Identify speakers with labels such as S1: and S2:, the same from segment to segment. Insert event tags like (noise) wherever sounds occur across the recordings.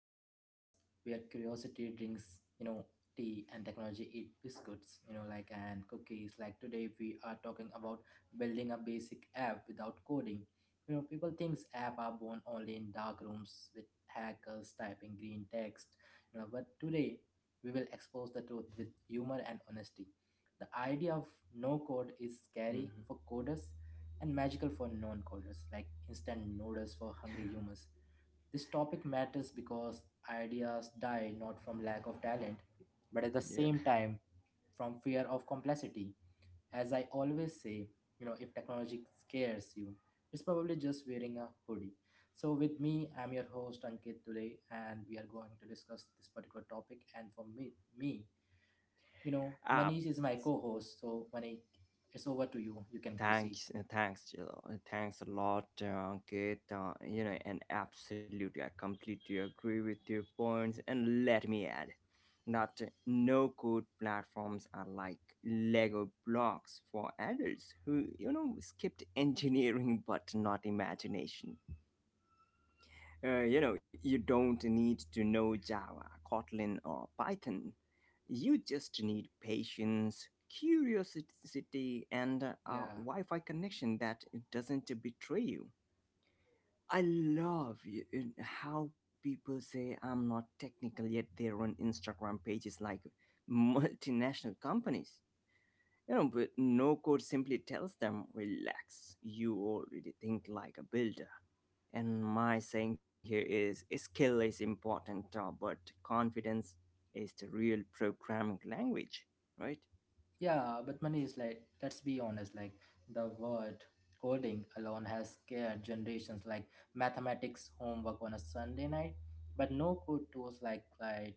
S1: to the podcast where curiosity drinks, you know, tea and technology eat biscuits, you know, like and cookies. Like today we are talking about building a basic app without coding. You know, people thinks apps are born only in dark rooms with hackers typing green text, you know, but today we will expose the truth with humor and honesty. The idea of no code is scary
S2: Mhm.
S1: for coders and magical for non-coders, like instant noodles for hungry humans. This topic matters because ideas die not from lack of talent, but at the
S2: Yeah.
S1: same time from fear of complexity. As I always say, you know, if technology scares you, it's probably just wearing a hoodie. So, with me, I'm your host Ankit today, and we are going to discuss this particular topic. And for me, you know,
S2: Uh,
S1: Manish is my co-host. So, Manish, it's over to you. You can proceed.
S2: thanks, Jill. Thanks a lot, Kate. You know, and absolutely, I completely agree with your points. And let me add that no-code platforms are like Lego blocks for adults who, you know, skipped engineering (laughs) but not imagination. You know, you don't need to know Java, Kotlin, or Python. You just need patience, curiosity, and a
S1: Yeah.
S2: Wi Fi connection that doesn't betray you. I love how people say I'm not technical, yet they run Instagram pages like (laughs) multinational companies. You know, but no code simply tells them, relax, you already think like a builder. And my saying here is skill is important, but confidence is the real programming language, right?
S1: Yeah, but money is like, let's be honest, like the word coding alone has scared generations like mathematics homework on a Sunday night, but no code tools like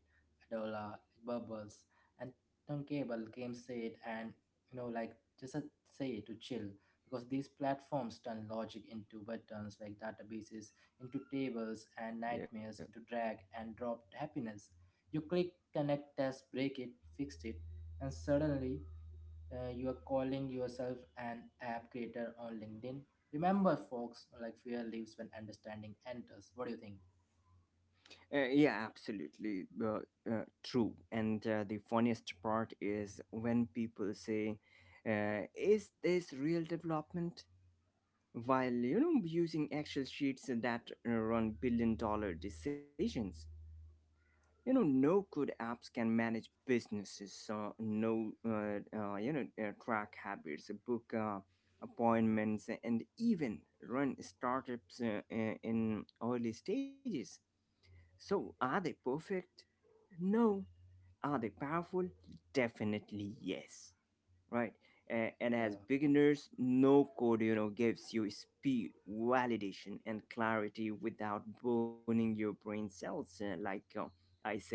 S1: Adola, Bubbles, and Tunkable came said and, you know, like just a say to chill, because these platforms turn logic into buttons, like databases into tables and
S2: Yeah,
S1: nightmares into drag and drop happiness. You click, connect, test, break it, fix it, and suddenly you are calling yourself an app creator on LinkedIn. Remember, folks, like fear leaves when understanding enters. What do you think?
S2: yeah, absolutely, true. And the funniest part is when people say, "Is this real development?" While, you know, using Excel sheets that run billion-dollar decisions. You know, no good apps can manage businesses, no you know, track habits, book appointments, and even run startups in early stages. So are they perfect? No. Are they powerful? Definitely yes, right? And as
S1: Yeah.
S2: beginners, no code, you know, gives you speed, validation, and clarity without burning your brain cells. I say,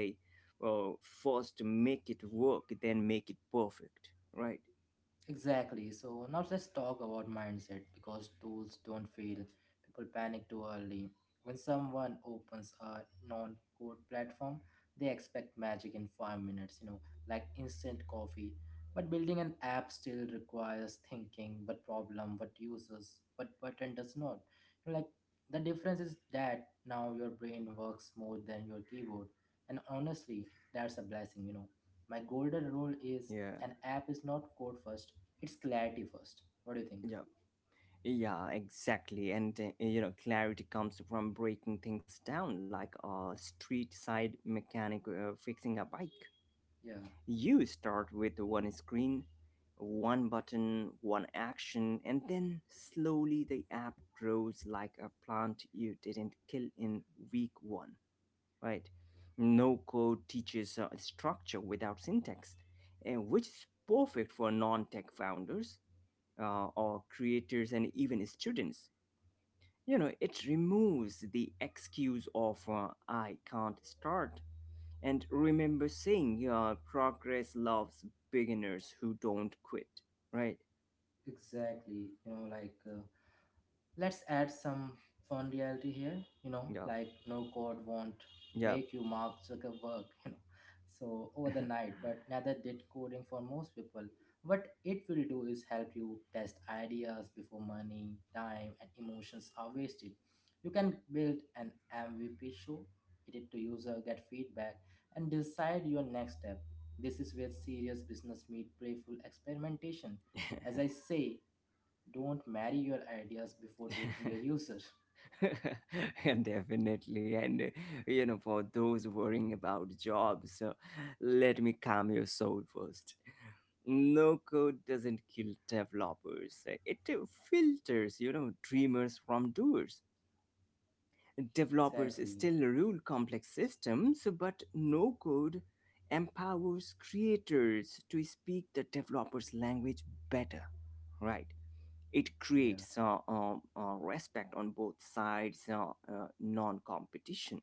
S2: first make it work, then make it perfect, right?
S1: Exactly. So now let's talk about mindset because tools don't fail. People panic too early. When someone opens a non-code platform, they expect magic in 5 minutes, you know, like instant coffee. But building an app still requires thinking what problem, what users, what button does not. You know, like the difference is that now your brain works more than your keyboard. And honestly, that's a blessing, you know. My golden rule is
S2: yeah
S1: an app is not code first, it's clarity first. What do you think?
S2: yeah yeah, exactly. And you know, clarity comes from breaking things down like a street side mechanic fixing a bike.
S1: Yeah,
S2: You start with one screen, one button, one action, and then slowly the app grows like a plant you didn't kill in week one, right? No code teaches structure without syntax, and which is perfect for non tech founders or creators and even students. You know, it removes the excuse of I can't start. And remember saying, yeah, progress loves beginners who don't quit, right?
S1: exactly. You know, like, let's add some fun reality here, you know,
S2: Yeah,
S1: like no code won't
S2: yeah.
S1: make you Mark Zuckerberg, (laughs) you know, so over the night, but neither did coding for most people. What it will do is help you test ideas before money, time, and emotions are wasted. You can build an MVP show, edit to user, get feedback, and decide your next step. This is where serious business meet playful experimentation. As I say, don't marry your ideas before dating your
S2: (laughs)
S1: user.
S2: And definitely. And, you know, for those worrying about jobs, let me calm your soul first. No code doesn't kill developers, it filters, you know, dreamers from doers. Developers
S1: Exactly.
S2: still rule complex systems, but no code empowers creators to speak the developer's language better, right? It
S1: Yeah.
S2: creates respect on both sides, non competition.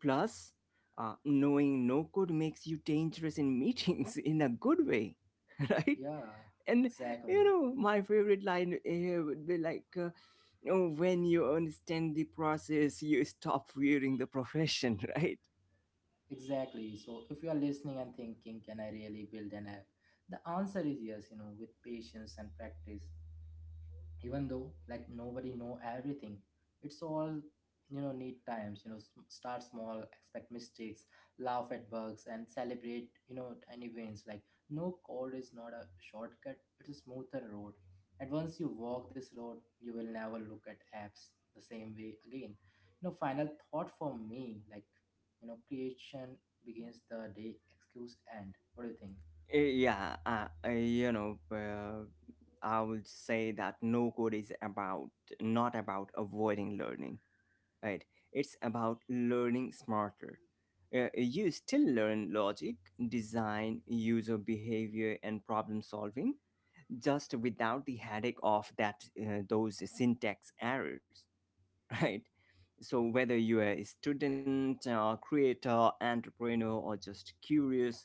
S2: Plus, knowing no code makes you dangerous in meetings (laughs) in a good way, (laughs) right?
S1: Yeah,
S2: And you
S1: exactly.
S2: know, my favorite line here would be like, oh, when you understand the process you stop fearing the profession. (laughs) Right?
S1: Exactly, so if you are listening and thinking, can I really build an app, the answer is yes. You know, with patience and practice, even though like nobody know everything, it's all, you know, need times. You know, start small, expect mistakes, laugh at bugs, and celebrate, you know, tiny wins. Like no code is not a shortcut, it's a smoother road, and once you walk this road you will never look at apps the same way again. You know, final thought for me, like, you know, creation begins the day excuse end. What do you think?
S2: Yeah you know, I would say that no code is about, not about avoiding learning, right? It's about learning smarter. You still learn logic, design, user behavior, and problem solving, just without the headache of that, those syntax errors. (laughs) Right? So whether you are a student, creator, entrepreneur, or just curious,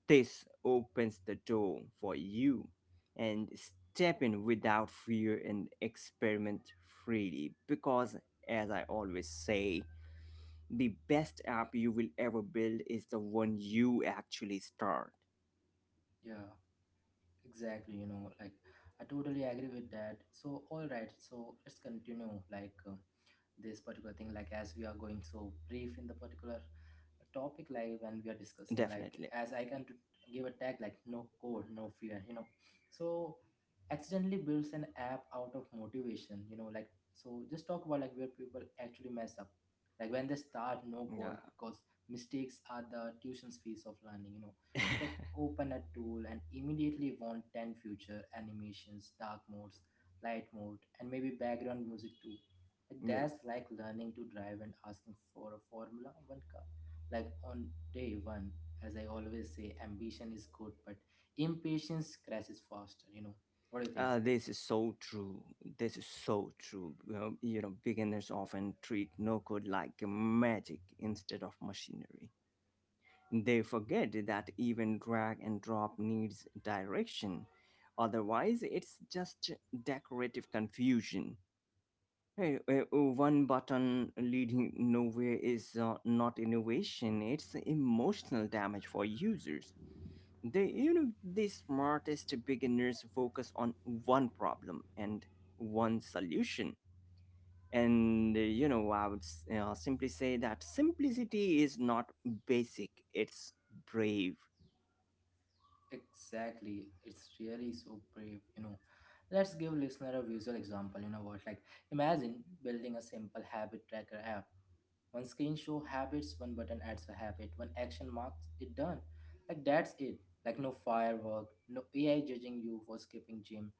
S2: this opens the door for you. And step in without fear and experiment freely, because as I always say, the best app you will ever build is the one you actually start.
S1: Yeah. Exactly, you know, like I totally agree with that. So, all right, so let's continue. Like, this particular thing, like as we are going so brief in the particular topic, like when we are discussing, like
S2: Definitely.
S1: as I can give a tag like no code no fear, you know, so accidentally builds an app out of motivation, you know, like. So just talk about like where people actually mess up like when they start no code,
S2: Yeah.
S1: because mistakes are the tuition's fees of learning, you know. People
S2: (laughs)
S1: open a tool and immediately want 10 future animations, dark modes, light mode, and maybe background music too.
S2: Yeah.
S1: That's like learning to drive and asking for a Formula One car. Like on day one, as I always say, ambition is good, but impatience crashes faster, you know. What do you think?
S2: This is so true. This is so true. Well, you know, beginners often treat no code like magic instead of machinery. They forget that even drag and drop needs direction. Otherwise, it's just decorative confusion. Hey, one button leading nowhere is not innovation, it's emotional damage for users. They You know, the smartest beginners focus on one problem and one solution. And you know, I would simply say that simplicity is not basic, it's brave.
S1: Exactly. It's really so brave, you know. Let's give listener a visual example, you know what? Like imagine building a simple habit tracker app. One screen show habits, one button adds a habit, one action marks it done. Like that's it. Like no firework, no AI judging you for skipping gym.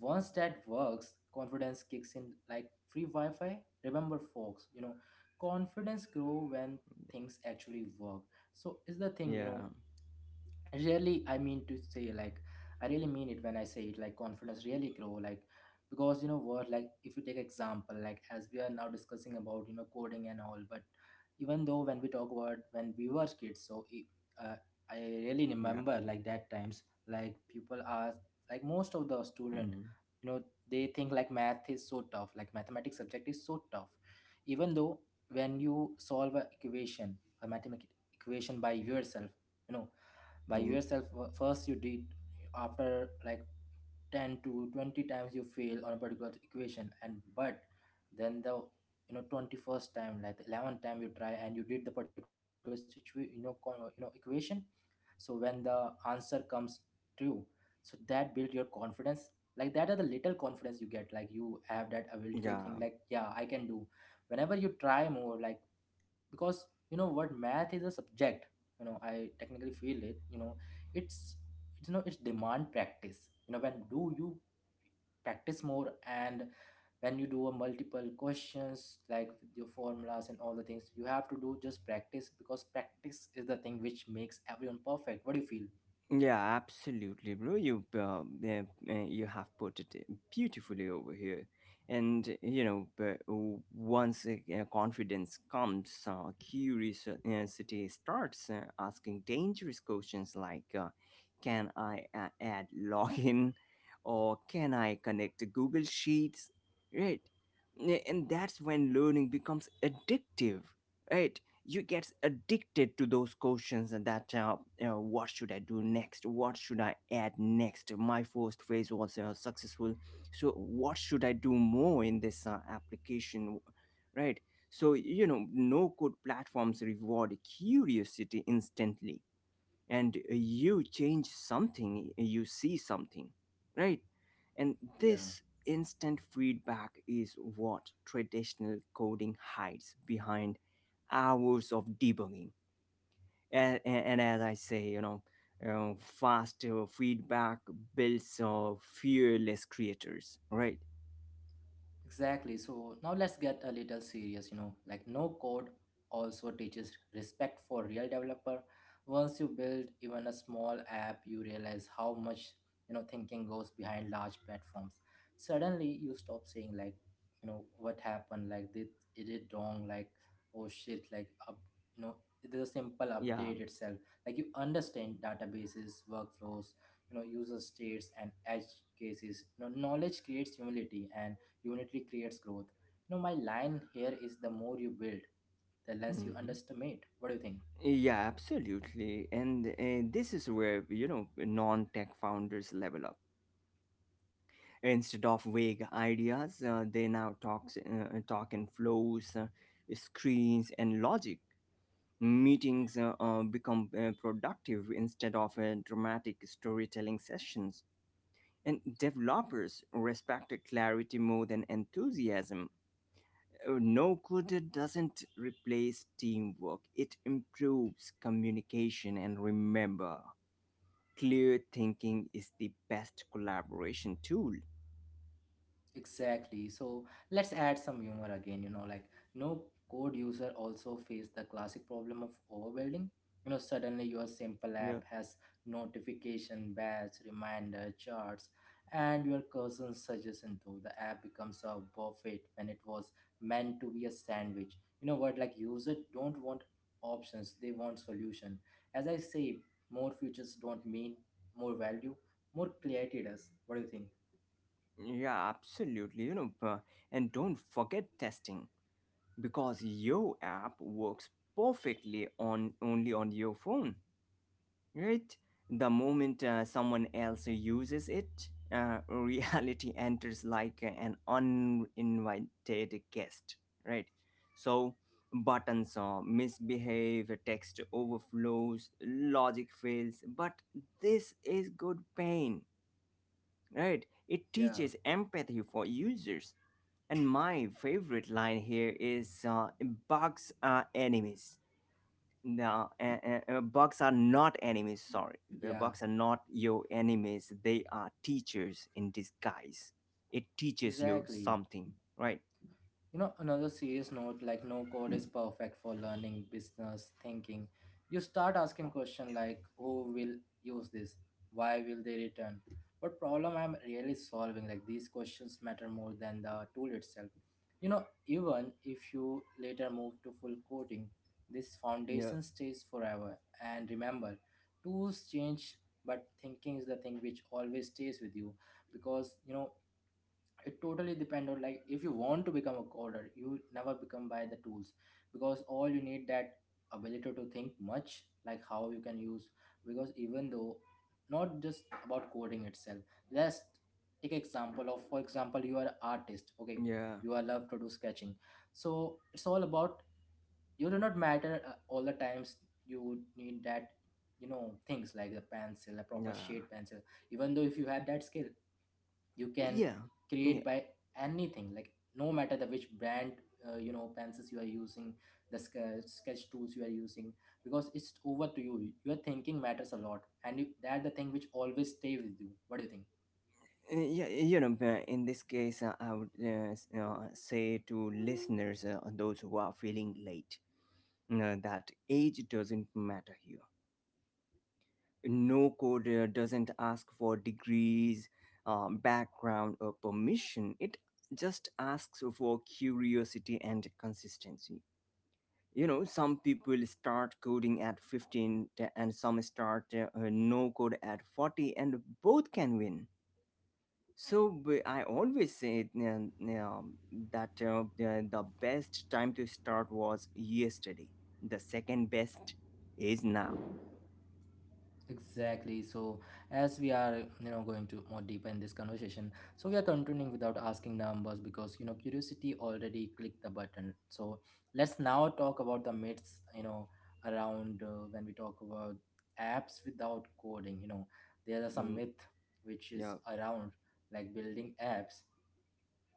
S1: Once that works, confidence kicks in like free Wi Fi. Remember, folks, you know, confidence grow when things actually work. So, is the thing, you
S2: Yeah,
S1: know, really, I mean to say, like I really mean it when I say it, like confidence really grow, like because you know what, like if you take example like as we are now discussing about, you know, coding and all, but even though when we talk about when we were kids, so I really
S2: yeah.
S1: remember like that times, like people are like most of the student,
S2: Mhm.
S1: you know, they think like math is so tough, like mathematics subject is so tough, even though when you solve a equation, a mathematical equation by yourself, you know, by
S2: Mm,
S1: yourself, first you did, after like 10 to 20 times you fail on a particular equation and, but then the, you know, 21st time, like the 11th time you try and you did the particular situation, you know, you know, equation, so when the answer comes true, so that build your confidence. Like that are the little confidence you get, like you have that ability to
S2: yeah.
S1: think like yeah, I can do whenever you try more, like because you know what, math is a subject, you know, I technically feel it, you know, it's it's, you know, it's demand practice, you know, when do you practice more, and when you do a multiple questions like with your formulas and all the things you have to do, just practice, because practice is the thing which makes everyone perfect. What do you feel?
S2: Yeah, absolutely, bro. You have put it beautifully over here, and you know, once, confidence comes, curiosity starts asking dangerous questions like, "Can I add login?" (laughs) or "Can I connect to Google Sheets?" Right. And that's when learning becomes addictive, right? You get addicted to those questions. And that, you, what should I do next, what should I add next, my first phase was successful, so what should I do more in this application, right? So you know, no code platforms reward curiosity instantly, and you change something, you see something, right? And
S1: Yeah.
S2: this instant feedback is what traditional coding hides behind hours of debugging. And as I say, you know, faster feedback builds fearless creators, right?
S1: Exactly. So now let's get a little serious, you know, like no code also teaches respect for real developer. Once you build even a small app, you realize how much, you know, thinking goes behind large platforms. Suddenly you stop saying like, you know, what happened, like did it did wrong, like oh shit, like up, you know, the simple
S2: Yeah.
S1: update itself. Like you understand databases, workflows, you know, user states and edge cases. You know, knowledge creates humility and Unity creates growth. You know, my line here is the more you build, the less you
S2: Hmm.
S1: underestimate. What do you think?
S2: Yeah, absolutely. And this is where, you know, non-tech founders level up. Instead of vague ideas, talk in flows, screens, and logic. Meetings become productive instead of dramatic storytelling sessions. And developers respect clarity more than enthusiasm. No code doesn't replace teamwork, it improves communication. And remember, clear thinking is the best collaboration tool.
S1: Exactly. So let's add some humor again, you know, like no code user also face the classic problem of overbuilding. You know, suddenly your simple
S2: Yeah.
S1: app has notification, badge, reminder, charts, and your cousin suggestion too. The app becomes a buffet when it was meant to be a sandwich. You know what, like users don't want options, they want solution. As I say, more features don't mean more value, more clarity does. What do you think?
S2: Yeah, absolutely. You know, and don't forget testing, because your app works perfectly on only on your phone, right? The moment someone else uses it, (laughs) reality enters like an uninvited guest, right? So buttons misbehave, text overflows, logic fails, but this is good pain, right? It
S1: Yeah,
S2: teaches empathy for users. And my favorite line here is, bugs are enemies. No, bugs are not enemies, sorry. The
S1: yeah.
S2: bugs are not your enemies. They are teachers in disguise. It teaches you
S1: Exactly.
S2: something, right?
S1: You know, another serious note, like no code is perfect for learning business thinking. You start asking questions like who will use this? Why will they return? What problem I'm really solving? Like these questions matter more than the tool itself. You know, even if you later move to full coding, this
S2: Yeah,
S1: foundation stays forever. And remember, tools change, but thinking is the thing which always stays with you, because you know, it totally depend on like if you want to become a coder, you never become by the tools, because all you need that ability to think much like how you can use, because even though not just about coding itself, let's take example of, for example, you are an artist, okay,
S2: yeah,
S1: you are love to do sketching, so it's all about you, do not matter, all the times you need that, you know, things like a pencil, a proper
S2: yeah.
S1: shade pencil, even though if you have that skill you can
S2: Yeah, yeah, uh,
S1: create by anything, like no matter the which brand, you know, pencils you are using, the sketch tools you are using, because it's over to you, your thinking matters a lot, and you, that the thing which always stay with you. What do you think?
S2: yeah. You know, in this case, I would say to listeners, those who are feeling late, that age doesn't matter here. No code doesn't ask for degrees, background, or permission. It just asks for curiosity and consistency. You know, some people start coding at 15 and some start no code at 40, and both can win. So I always say that the best time to start was yesterday, the second best is now.
S1: Exactly. So, as we are, you know, going to more deeper in this conversation, so we are continuing without asking numbers because, you know, curiosity already clicked the button. So, let's now talk about the myths, you know, around, when we talk about apps without coding. You know, there are some
S2: Mm,
S1: myth which is
S2: yeah.
S1: around like building apps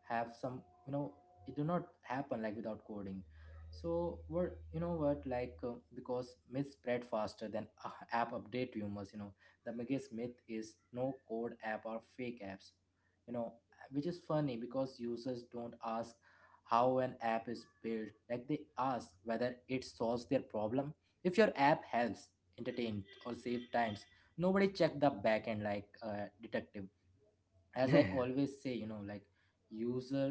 S1: have some. It do not happen like without coding. So what, because myths spread faster than app update rumors. The biggest myth is no code app or fake apps, you know, which is funny because users don't ask how an app is built. Like, they ask whether it solves their problem. If your app helps entertain or save times, nobody check the backend like a detective. As I
S2: (laughs)
S1: always say, you know, like, user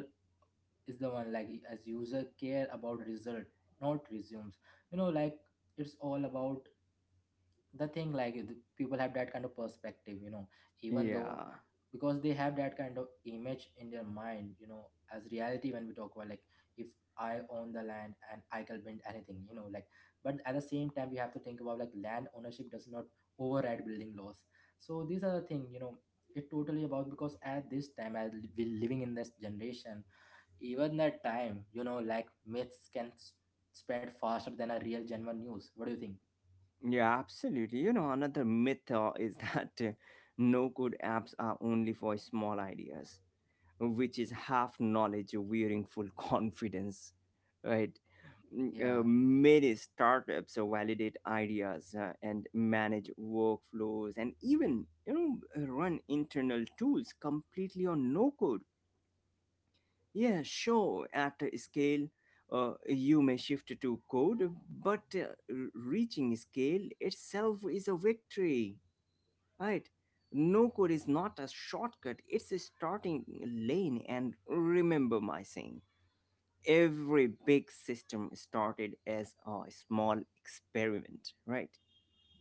S1: is the one, like, as user care about result, not resumes, you know, like, it's all about the thing, like the people have that kind of perspective, you know. Even though,
S2: Yeah.
S1: because they have that kind of image in their mind, you know, as reality. When we talk about, like, if I own the land and I can build anything, you know, like, but at the same time we have to think about, like, land ownership does not override building laws. So these are the thing, you know, it totally about. Because at this time, as we living in this generation, even that time, you know, like myths can spread faster than a real genuine news. What do you think?
S2: Yeah, absolutely. You know, another myth is (laughs) that no code apps are only for small ideas, which is half knowledge wearing full (laughs) confidence, right? Mm.
S1: Yeah,
S2: Many startups validate ideas and manage workflows, and even, you know, run internal tools completely on no code. Yeah, sure. At a scale, you may shift to code, but reaching scale itself is a victory, right? No code is not a shortcut, it's a starting lane. And remember my saying, every big system started as a small experiment, right?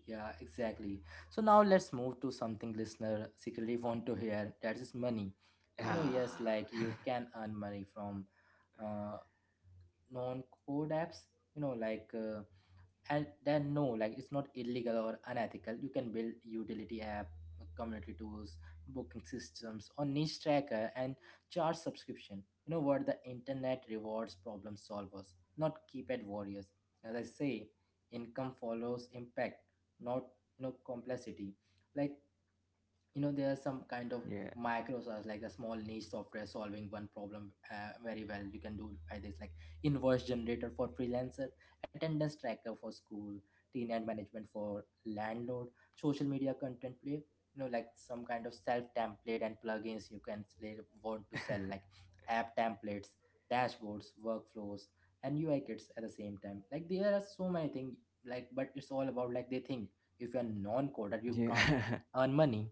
S1: yeah, Exactly. So now let's move to something listener secretly want to hear. That is money. You know, yes,
S2: Ah,
S1: like you can earn money from uh, non-code apps. You know, like, and then no, like it's not illegal or unethical. You can build utility app, community tools, booking systems or niche tracker and charge subscription. You know what, the internet rewards problem solvers, not keypad warriors. As I say, income follows impact, not, you know, complexity. Like, you know, there are some kind of
S2: yeah,
S1: microsoft, like a small niche software solving one problem very well. You can do by this, like invoice generator for freelancers, attendance tracker for school, tenant management for landlord, social media content play, you know, like some kind of self template and plugins, you can say, want to sell, like app templates, dashboards, workflows, and UI kits at the same time. Like there are so many things, like but it's all about, like, they think if you're non-coder you can't
S2: yeah. (laughs)
S1: earn money.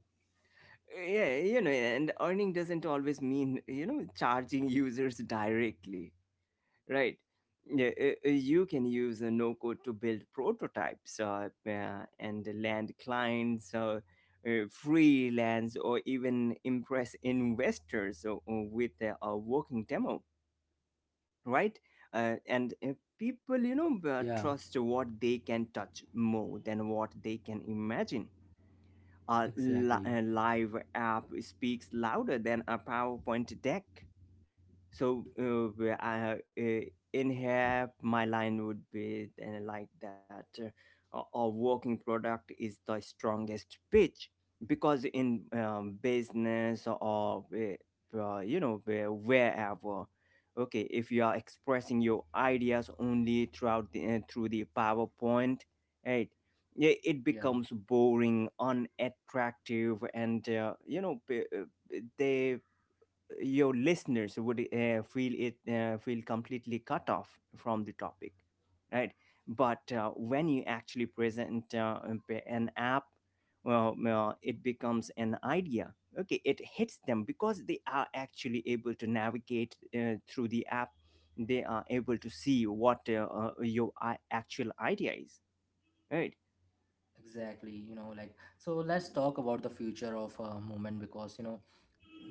S2: Yeah, you know, and earning doesn't always mean, you know, charging users directly, right? Yeah, you can use a no code to build prototypes and land clients, freelance, or even impress investors with a working demo, right? And People, you know,
S1: Yeah,
S2: trust what they can touch more than what they can imagine. a, li-
S1: exactly.
S2: a live app speaks louder than a powerpoint deck. So where I in here, my line would be, and like that, our working product is the strongest pitch. Because in business or you know, wherever, okay, if you are expressing your ideas only throughout the, through the powerpoint, right, it
S1: Yeah,
S2: becomes boring, unattractive, and you know, p- they your listeners would feel completely cut off from the topic, right? But when you actually present, an app, well, well it becomes an idea, okay, it hits them because they are actually able to navigate through the app. They are able to see what your actual idea is, right?
S1: exactly. You know, like, so let's talk about the future of movement, because you know,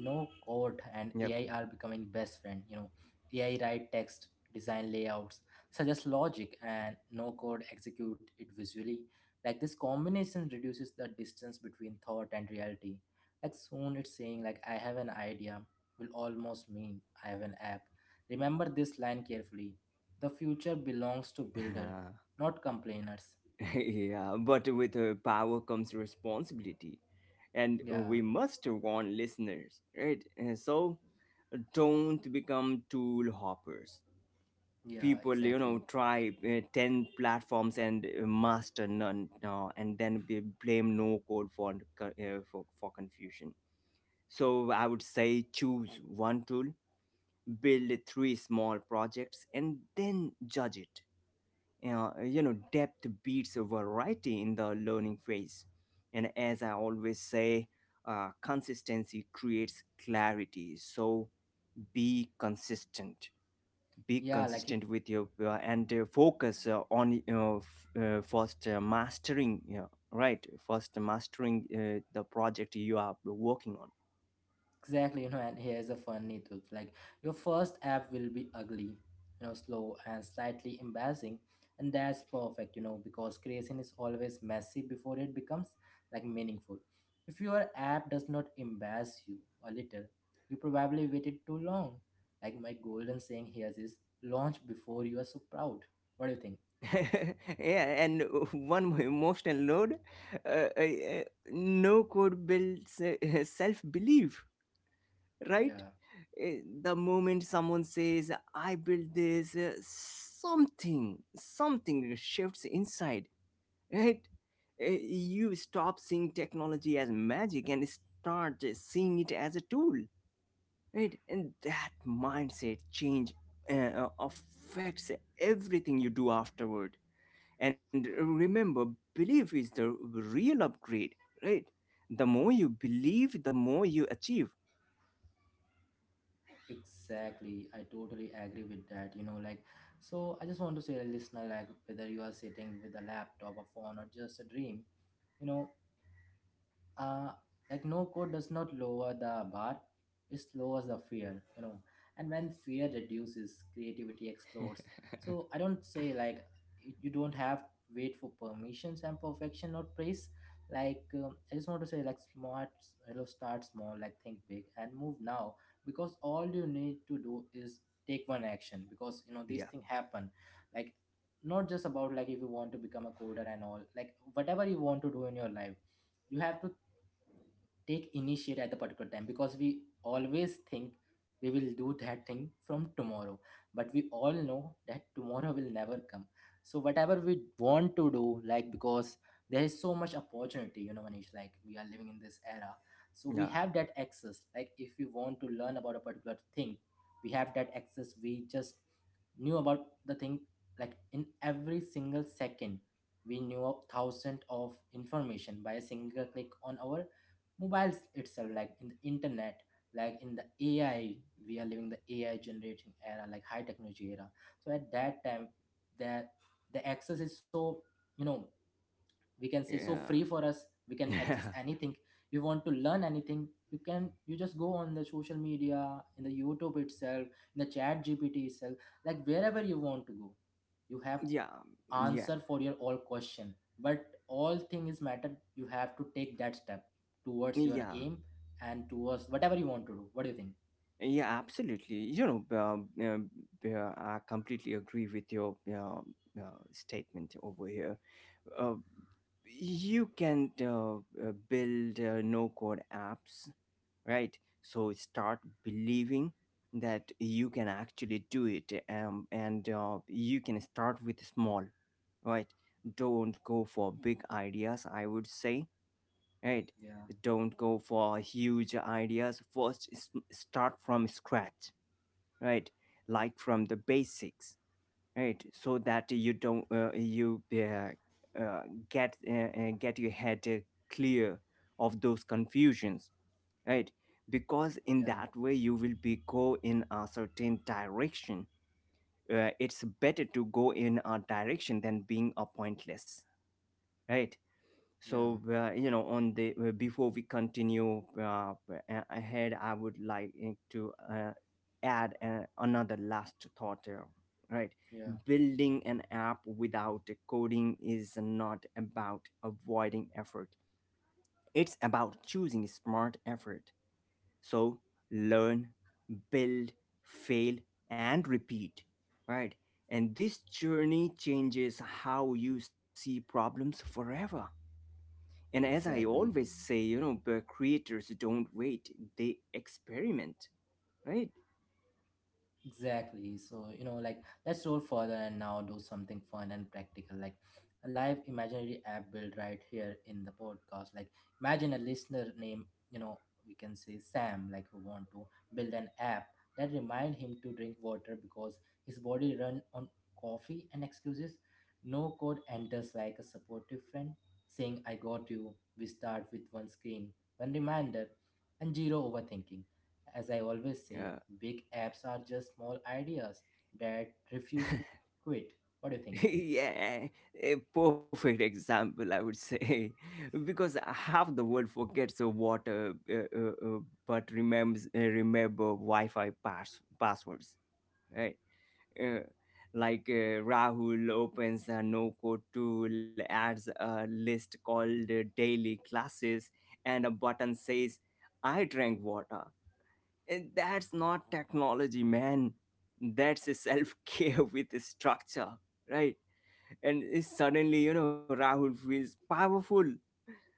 S1: no code and
S2: Yep.
S1: ai are becoming best friend, you know. Ai write text, design layouts, suggest logic and no code execute it visually. Like this combination reduces the distance between thought and reality. Like soon it's saying, like, I have an idea will almost mean I have an app. Remember this line carefully: the future belongs to builder,
S2: (laughs)
S1: not complainers.
S2: (laughs) Yeah, but with power comes responsibility, and
S1: yeah
S2: we must warn listeners, right? So don't become tool hoppers.
S1: yeah
S2: People, you know,
S1: exactly
S2: try ten platforms and master none, and then they blame no code for, for confusion. So I would say choose one tool, build three small projects, and then judge it. You know, depth beats variety in the learning phase. And as I always say, consistency creates clarity. So be consistent, be
S1: yeah like.
S2: consistent with your and focus on, you know, first mastering, you know, right, first mastering the project you are working on.
S1: Exactly, you know, and here's a funny truth. Like your first app will be ugly, you know, slow and slightly embarrassing, and that's perfect, you know, because creation is always messy before it becomes like meaningful. If your app does not embarrass you a little, you probably waited too long. Like my golden saying here is, launch before you are so proud. What do you think?
S2: (laughs) Yeah. And one more emotional load, uh, uh, uh, no code builds (laughs) self belief, right?
S1: Yeah.
S2: The moment someone says, I built this, something, something shifts inside, right? You stop seeing technology as magic and start seeing it as a tool, right? And that mindset change affects everything you do afterward. And remember, belief is the real upgrade, right? The more you believe, the more you achieve.
S1: Exactly, I totally agree with that. You know, like, so I just want to say, like, listener, like, whether you are sitting with a laptop, a phone, or just a dream, you know, uh like no code does not lower the bar, it lowers the fear, you know. And when fear reduces, creativity explodes. So I don't say like you don't have wait for permissions and perfection or praise. Like I just want to say like smart, you know, start small, like think big and move now, because all you need to do is take one action. Because you know these
S2: Yeah,
S1: things happen, like, not just about like if you want to become a coder and all, like whatever you want to do in your life, you have to take initiate at the particular time, because we always think we will do that thing from tomorrow, but we all know that tomorrow will never come. So whatever we want to do, like, because there is so much opportunity, you know, manish, like we are living in this era. So we
S2: yeah,
S1: have that access, like if we want to learn about a particular thing, we have that access, we just knew about the thing, like in every single second we knew of thousands of information by a single click on our mobiles itself, like in the internet, like in the ai. We are living the ai generating era, like high technology era. So at that time, that, the access is so, you know, we can say so
S2: yeah.
S1: free for us. We can
S2: (laughs)
S1: access
S2: yeah
S1: anything. If you want to learn anything, you can, you just go on the social media, in the youtube itself, in the chat gpt itself, like wherever you want to go, you have
S2: yeah yeah
S1: answer for your all question. But all thing is matter, you have to take that step towards your
S2: yeah
S1: aim and towards whatever you want to do. What do you think?
S2: yeah, absolutely. I completely agree with your statement over here. uh, you can build no code apps, right? So start believing that you can actually do it. And You can start with small, right? Don't go for big ideas, I would say, right?
S1: yeah
S2: Don't go for huge ideas. First, start from scratch, right? Like from the basics, right? So that you don't you get your head clear of those confusions, right? Because in
S1: yeah
S2: that way you will be go in a certain direction. It's better to go in a direction than being a pointless, right?
S1: yeah
S2: You know, on the before we continue ahead, I would like it to add another last thought here, right.
S1: yeah
S2: Building an app without coding is not about avoiding effort, it's about choosing smart effort. So learn, build, fail, and repeat, right? And this journey changes how you see problems forever. And as I
S1: exactly.
S2: always say, you know, but creators don't wait, they experiment, right?
S1: Exactly. So, you know, like, let's roll further and now do something fun and practical, like a live imaginary app build right here in the podcast. Like, imagine a listener name, you know, we can say Sam, like who want to build an app that remind him to drink water because his body run on coffee and excuses. No code enters like a supportive friend saying I got you. We start with one screen, one reminder, and zero overthinking. As I always say,
S2: Yeah.
S1: big apps are just small ideas that refuse to quit. What do you
S2: (laughs)
S1: think?
S2: Yeah, a perfect example, I would say. (laughs) Because half the world forgets but remembers remember Wi-Fi passwords, right? uh, like Rahul opens a no code tool, adds a list called daily classes, and a button says, I drank water. And that's not technology, man. That's a self care (laughs) with a structure, right? And suddenly, you know, Rahul feels powerful,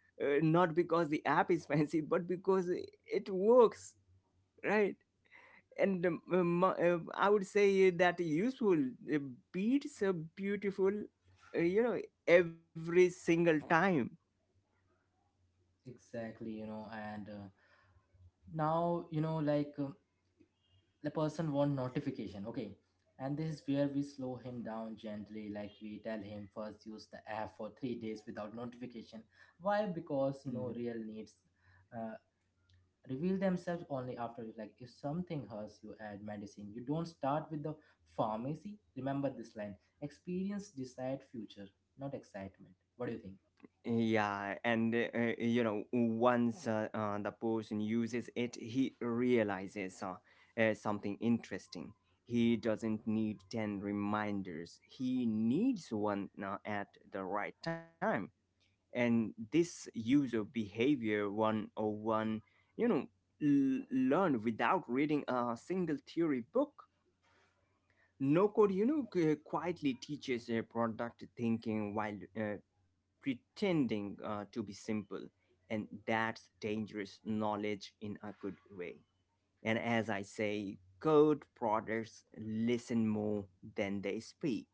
S2: not because the app is (laughs) fancy, but because it works, right? and I would say that useful uh, beats a beautiful, you know, every single time.
S1: Exactly, you know, and now, you know, like the person want notification, okay? And this is where we slow him down gently, like we tell him first use the app for 3 days without notification. Why? Because, you know,
S2: Mhm.
S1: real needs uh, reveal themselves only after, like, if something hurts you add medicine, you don't start with the pharmacy. Remember this line: experience decide future, not excitement. What do you think?
S2: Yeah, and you know, once the person uses it, he realizes something interesting. He doesn't need 10 reminders, he needs one at the right time. And this user behavior 101, you know, learned without reading a single theory book. No code, you know, quietly teaches product thinking while uh, pretending to be simple. And that's dangerous knowledge in a good way. And as I say, code products listen more than they speak.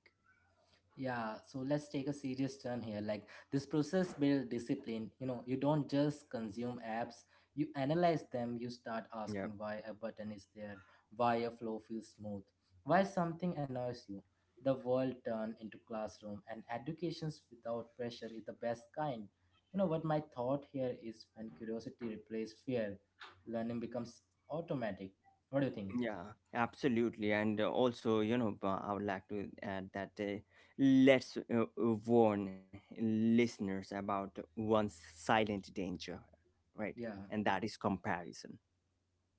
S1: Yeah, so let's take a serious turn here. Like this process builds discipline. You know, you don't just consume apps, you analyze them, you start
S2: Yeah,
S1: asking why a button is there, why a flow feels smooth, why something annoys you. The world turned into classroom, and educations without pressure is the best kind. You know what my thought here is, when curiosity replaces fear, learning becomes automatic. What do you think?
S2: yeah, absolutely. And also, you know, I would like to add that let's warn listeners about one silent danger, right?
S1: Yeah,
S2: And that is comparison,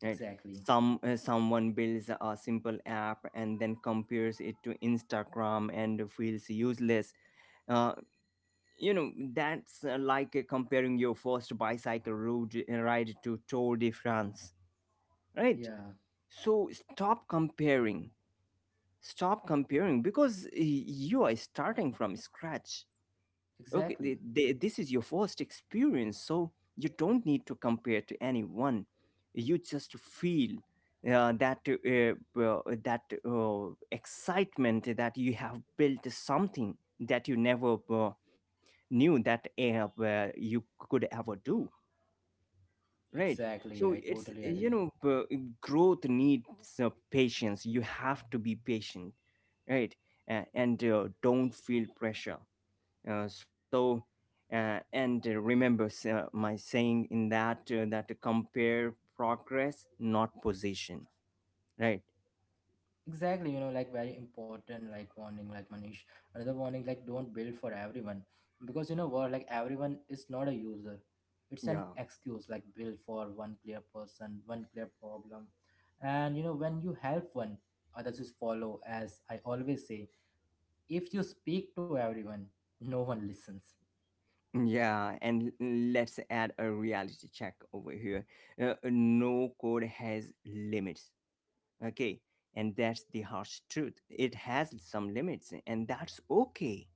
S2: right?
S1: exactly.
S2: Someone builds a simple app and then compares it to Instagram and feels useless. uh, you know, that's like comparing your first bicycle road ride to Tour de France, right?
S1: Yeah,
S2: So stop comparing, stop comparing, because you are starting from scratch. Okay,
S1: exactly.
S2: this is your first experience, so you don't need to compare to anyone. You just feel that that excitement that you have built something that you never knew that you could ever do, right?
S1: Exactly,
S2: So
S1: I
S2: it's
S1: totally agree.
S2: growth needs patience. You have to be patient, right? And Don't feel pressure, so and remember my saying in that that compare progress, not position, right?
S1: Exactly, you know, like, very important, like warning, like Manish. Another warning, like don't build for everyone, because you know what, like everyone is not a user. It's an
S2: yeah
S1: excuse, like build for one clear person, one clear problem, and you know when you help one, others just follow. As I always say, if you speak to everyone, no one listens.
S2: yeah And let's add a reality check over here. No code has limits, okay? And that's the harsh truth. It has some limits and that's okay,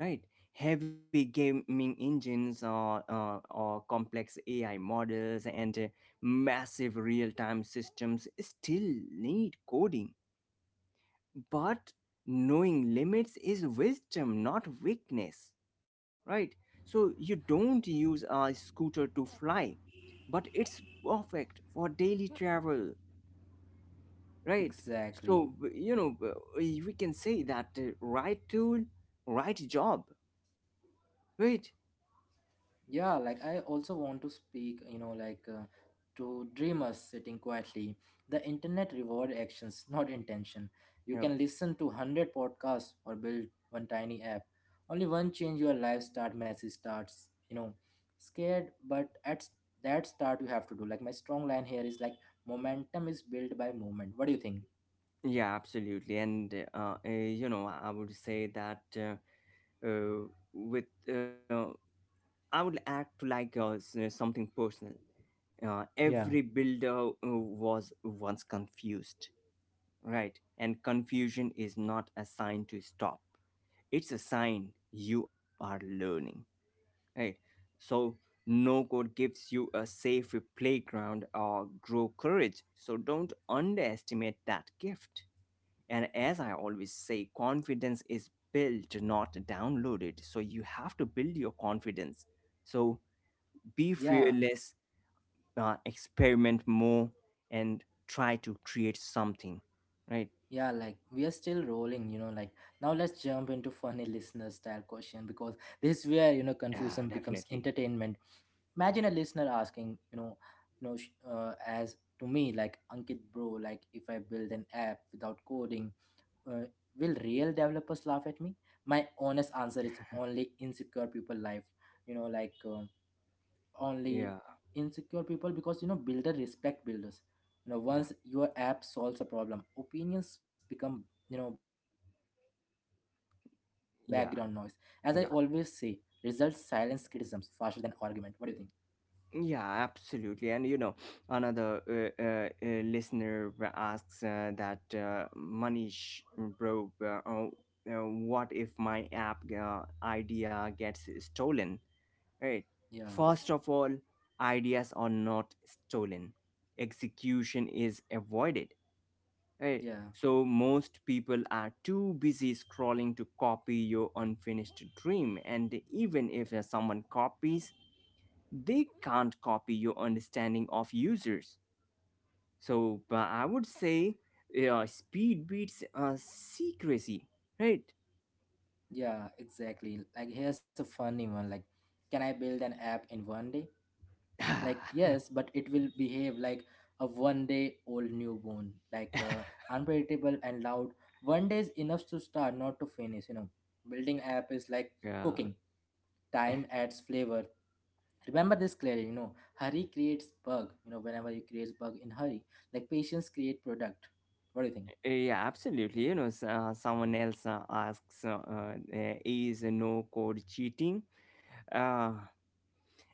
S2: right? Heavy gaming engines or complex AI models and massive real-time systems still need coding. But knowing limits is wisdom, not weakness, right? So you don't use a scooter to fly, but it's perfect for daily travel, right?
S1: Exactly.
S2: So you know, we can say that right tool, right job, right?
S1: Yeah, like I also want to speak, you know, like, to dreamers sitting quietly. The internet reward actions, not intention. You
S2: Yeah.
S1: can listen to 100 podcasts or build one tiny app. Only one change your life start message starts, you know, scared, but at that start you have to do. Like my strong line here is like, momentum is built by movement. What do you think?
S2: Yeah, absolutely. And you know, I would say that uh, with uh, I would add to like something personal.
S1: Yeah.
S2: Every builder was once confused, right? And confusion is not a sign to stop. It's a sign you are learning, right? So no code gives you a safe playground or grow courage. So don't underestimate that gift. And as I always say, confidence is built, not downloaded. So you have to build your confidence. So be
S1: Yeah,
S2: fearless, experiment more, and try to create something, right?
S1: Yeah, Like we are still rolling, you know. Like now, let's jump into funny listener style question, because this is where you know
S2: Yeah,
S1: confusion becomes
S2: definitely.
S1: entertainment. Imagine a listener asking, you know, as to me, like Ankit, bro, like if I build an app without coding, uh, will real developers laugh at me? My honest answer is only insecure people Life, you know, like only
S2: Yeah,
S1: insecure people, because you know builder respect builders. You know,
S2: yeah,
S1: once your app solves a problem, opinions become, you know, background noise. As I always say,
S2: yeah,
S1: results silence
S2: yeah,
S1: criticisms faster than argument. What do you think?
S2: yeah, absolutely. And you know, another listener asks that Manish, bro, what if my app idea gets stolen, right?
S1: yeah
S2: First of all, ideas are not stolen, execution is avoided, right?
S1: yeah
S2: So most people are too busy scrolling to copy your unfinished dream, and even if someone copies, they can't copy your understanding of users. So but I would say speed beats secrecy, right?
S1: yeah exactly. Like here's a funny one, like, can I build an app in 1 day? Like,
S2: (laughs)
S1: yes, but it will behave like a 1 day old newborn, like, unpredictable and loud. 1 day is enough to start, not to finish. You know, building app is like
S2: Yeah.
S1: cooking, time adds flavor. Remember this clearly, you know, hurry creates bug, you know, whenever you create bug in hurry, like patience create product. What do you think?
S2: Yeah, absolutely. You know, someone else asks, "Is no code cheating?" Uh,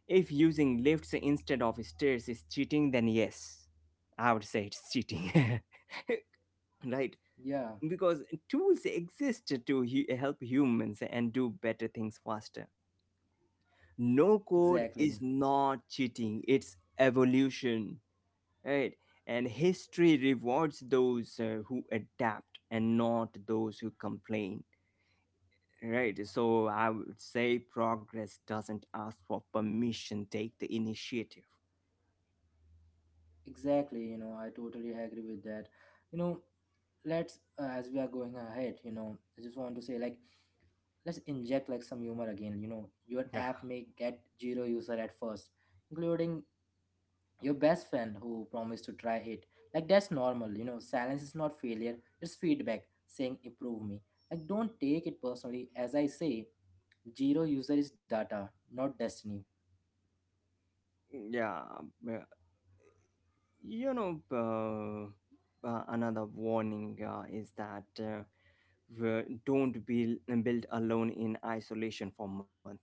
S2: if using lifts instead of stairs is cheating, then yes, I would say it's cheating, (laughs) right?
S1: yeah
S2: Because tools exist to help humans and do better things faster. No code
S1: exactly
S2: is not cheating; it's evolution, right? And history rewards those who adapt and not those who complain. Right. So I would say progress doesn't ask for permission, take the initiative.
S1: exactly, you know, I totally agree with that. You know, let's as we are going ahead, you know, I just want to say, like, let's inject like some humor again. You know, your
S2: Yeah.
S1: app may get zero user at first, including your best friend who promised to try it. Like, that's normal. You know, silence is not failure. It's feedback saying improve me. Like, don't take it personally. As I say, zero user is data, not destiny.
S2: Yeah. uh, You know, another warning is that don't be build alone in isolation for months.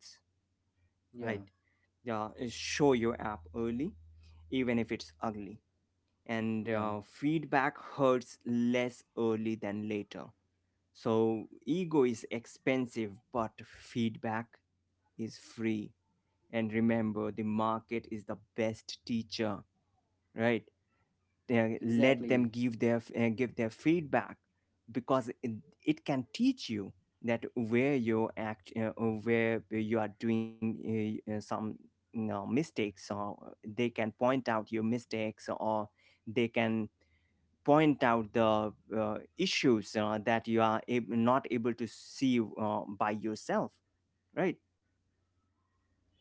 S2: Right.
S1: Yeah,
S2: Yeah. Show your app early, even if it's ugly. And
S1: yeah,
S2: feedback hurts less early than later. So, ego is expensive, but feedback is free. And remember, the market is the best teacher, right? Let
S1: exactly.
S2: them give their feedback, because it can teach you that where where you are doing some, you know, mistakes, or they can point out your mistakes, or they can point out the issues that you are not able to see by yourself, right?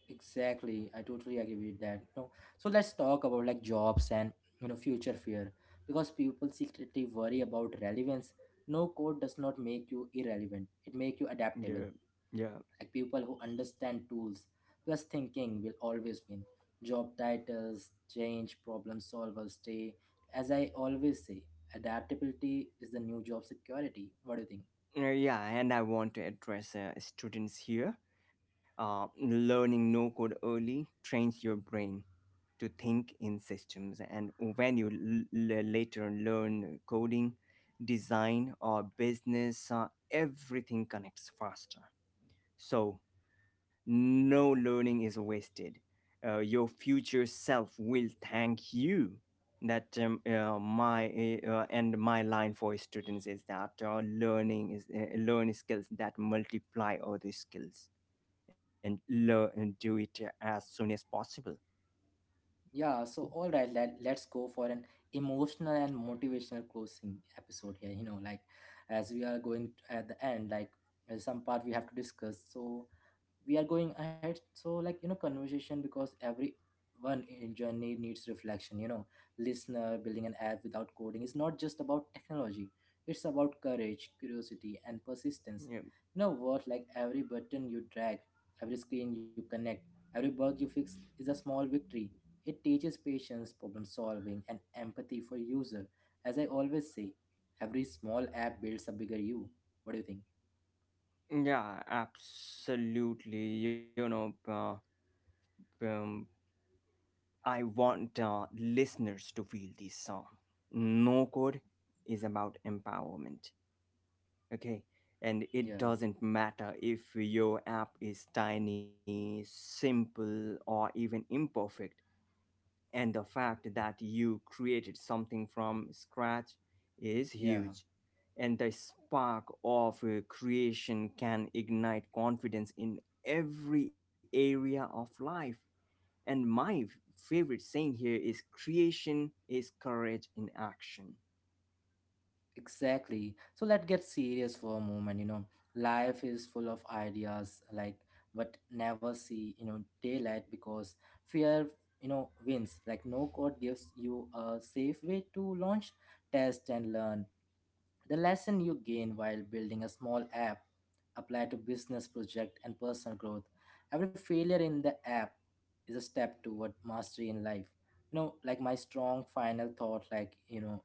S1: Exactly, I totally agree with that. No, so let's talk about like jobs and, you know, future fear, because people secretly worry about relevance. No code does not make you irrelevant; it make you adaptable.
S2: Yeah, yeah,
S1: Like people who understand tools plus thinking will always win. Job titles change, problem solvers stay. As I always say, adaptability is the new job security. What do you think?
S2: Yeah, and I want to address students here. Learning no code early trains your brain to think in systems, and when you later learn coding, design or business, everything connects faster. So no learning is wasted. Your future self will thank you. That my and my line for students is that learn skills that multiply other skills, and learn and do it as soon as possible.
S1: Yeah, so all right, let's go for an emotional and motivational closing episode here. You know, like as we are going at the end, like some part we have to discuss. So we are going ahead, so like you know conversation because every one in journey needs reflection, you know. Listener, building an app without coding is not just about technology, it's about courage, curiosity and persistence.
S2: Yeah,
S1: You know what, like every button you drag, every screen you connect, every bug you fix is a small victory. It teaches patience, problem solving and empathy for user. As I always say, every small app builds a bigger you. What do you think?
S2: yeah, absolutely. You know, um, I want listeners to feel this song. No code is about empowerment, okay? And it
S1: Yeah,
S2: doesn't matter if your app is tiny, simple, or even imperfect. And the fact that you created something from scratch is
S1: yeah,
S2: huge. And the spark of creation can ignite confidence in every area of life. And my favorite saying here is creation is courage in action.
S1: exactly. So let's get serious for a moment. You know, life is full of ideas, like but never see, you know, daylight because fear, you know, wins. Like no code gives you a safe way to launch, test, and learn. The lesson you gain while building a small app apply to business project and personal growth. Every failure in the app is a step toward mastery in life. You know, like my strong final thought, like you know,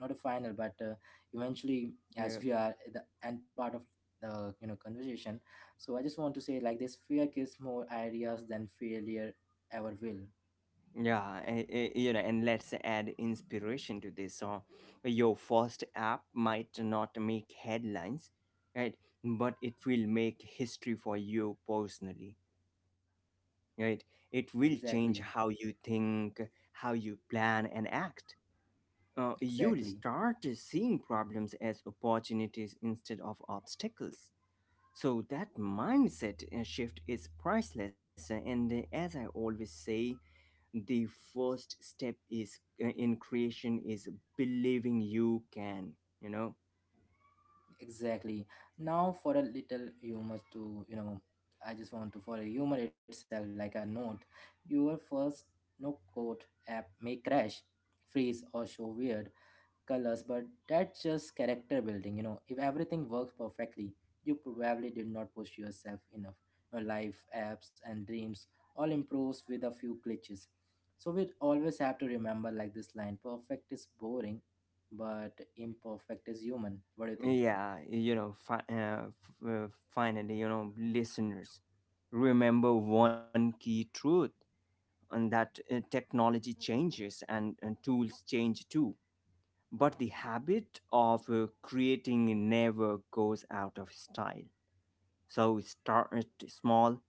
S1: not a final, but eventually,
S2: Yeah.
S1: as we are at the end part of the, you know, conversation, so I just want to say like this: fear gives more ideas than failure ever will.
S2: Yeah, you know, and let's add inspiration to this. So your first app might not make headlines, right? But it will make history for you personally, right? It will change
S1: Exactly,
S2: how you think, how you plan and act. You'll
S1: exactly.
S2: start seeing problems as opportunities instead of obstacles. So that mindset shift is priceless. And as I always say, the first step is in creation is believing you can, you know.
S1: Exactly. Now for a little humor to, you know, I just want to for a humor itself, like a note. Your first no code app may crash, freeze, or show weird colors, but that's just character building. You know, if everything works perfectly, you probably did not push yourself enough. Your life, apps, and dreams all improves with a few glitches. So we always have to remember like this line: perfect is boring, but imperfect is human. What do you think?
S2: Finally, you know, listeners, remember one key truth, and that technology changes and tools change too, but the habit of creating never goes out of style. So start small,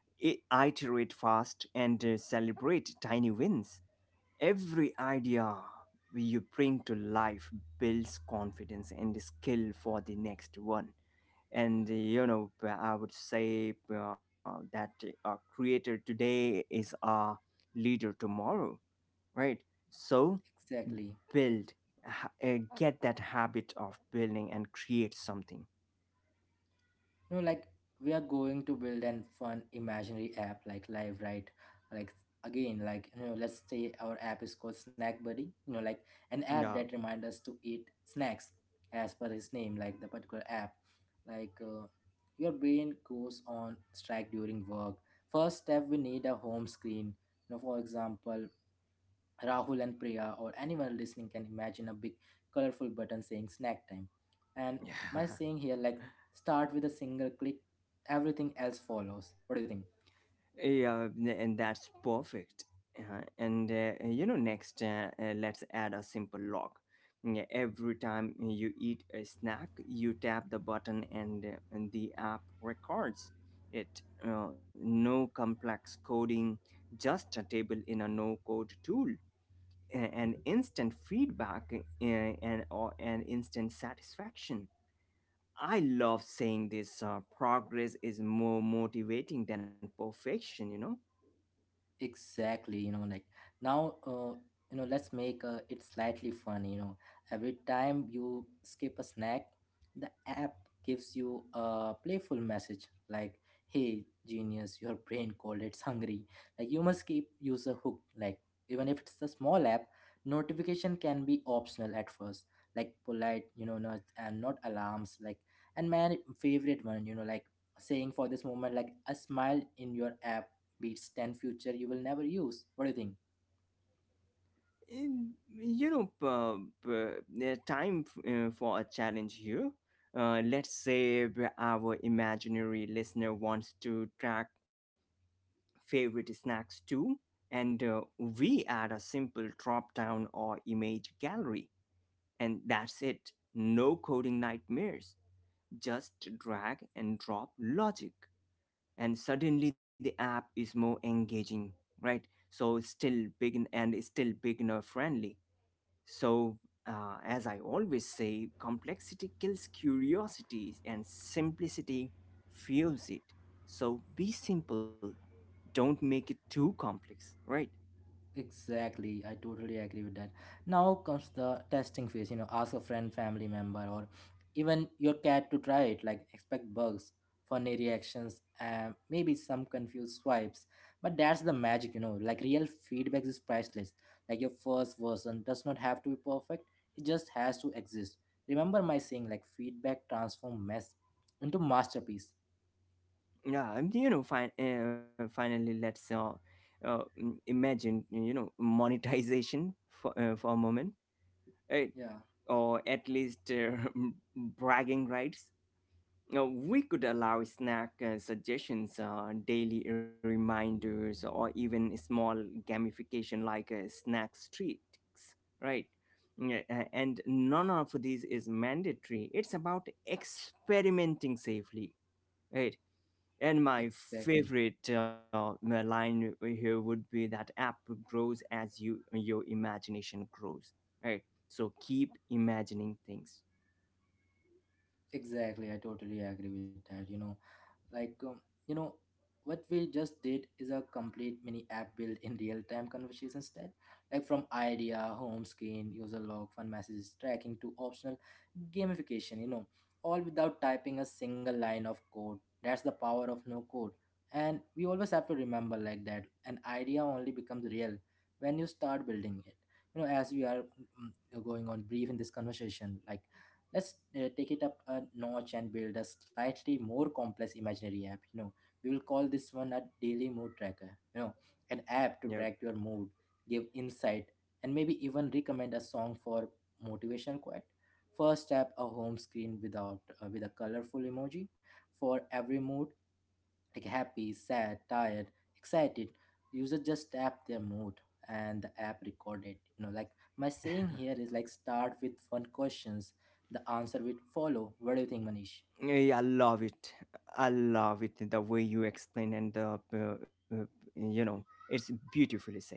S2: i- iterate fast, and celebrate tiny wins. Every idea you bring to life builds confidence and skill for the next one. And you know, I would say that a creator today is a leader tomorrow, right? So
S1: Exactly.
S2: build, get that habit of building and create something.
S1: You know, like we are going to build an fun imaginary app like Live Right. Like again, like you know, let's say our app is called Snack Buddy. You know, like an app
S2: Yeah.
S1: that reminds us to eat snacks as per his name, like the particular app. Like your brain goes on strike during work. First step, we need a home screen. You know, for example, Rahul and Priya or anyone listening can imagine a big colorful button saying snack time. And my saying here
S2: (laughs)
S1: like start with a single click, everything else follows. What do you think?
S2: Yeah, and that's perfect. And You know, next, let's add a simple log. Yeah, every time you eat a snack, you tap the button, and the app records it. No complex coding, just a table in a no-code tool, and instant feedback, and instant satisfaction. I love saying this. Progress is more motivating than perfection, you know.
S1: Exactly, you know, like now, you know, let's make it slightly fun. You know, every time you skip a snack, the app gives you a playful message like, "Hey, genius, your brain called it's hungry." Like you must keep user hooked. Like even if it's a small app, notification can be optional at first, like polite, you know, not alarms. Like and my favorite one, you know, like saying for this moment, like a smile in your app beats 10 future you will never use. What do you think?
S2: In you know p- p- There's time for a challenge here. Let's say our imaginary listener wants to track favorite snacks too, and we add a simple drop down or image gallery, and that's it. No coding nightmares, just drag and drop logic, and suddenly the app is more engaging, right? So it's still beginner friendly. So as I always say, complexity kills curiosity and simplicity fuels it. So be simple, don't make it too complex, right?
S1: Exactly, I totally agree with that. Now comes the testing phase. You know, ask a friend, family member or even your cat to try it. Like expect bugs, funny reactions and maybe some confused swipes, but that's the magic. You know, like real feedback is priceless. Like your first version does not have to be perfect, it just has to exist. Remember my saying like feedback transform mess into masterpiece.
S2: Yeah. And you know, finally, let's imagine, you know, monetization (laughs) for a moment, eh,
S1: Yeah,
S2: or at least (laughs) bragging rights. Now, we could allow snack suggestions, daily reminders, or even small gamification like snack streaks, right? And none of this is mandatory. It's about experimenting safely. Right? And my
S1: exactly.
S2: favorite uh, my line here would be that app grows as your imagination grows, right? So keep imagining things.
S1: Exactly, I totally agree with that. You know, like, you know, what we just did is a complete mini app built in real time conversation instead. Like, from idea, home screen, user log, fun messages, tracking to optional gamification, you know, all without typing a single line of code. That's the power of no code. And we always have to remember like that an idea only becomes real when you start building it. You know, as we are mm, going on brief in this conversation, like, let's take it up a notch and build a slightly more complex imaginary app. You know, we will call this one a daily mood tracker. You know, an app
S2: Yeah,
S1: to track your mood, give insight, and maybe even recommend a song for motivational quote. First app, a home screen without with a colorful emoji for every mood like happy, sad, tired, excited, user just tap their mood and the app record it. You know, like my saying
S2: (laughs)
S1: here is like start with fun questions, the answer will follow. What do you think, Manish?
S2: yeah, I love it. I love it the way you explain and the you know it's beautifully said.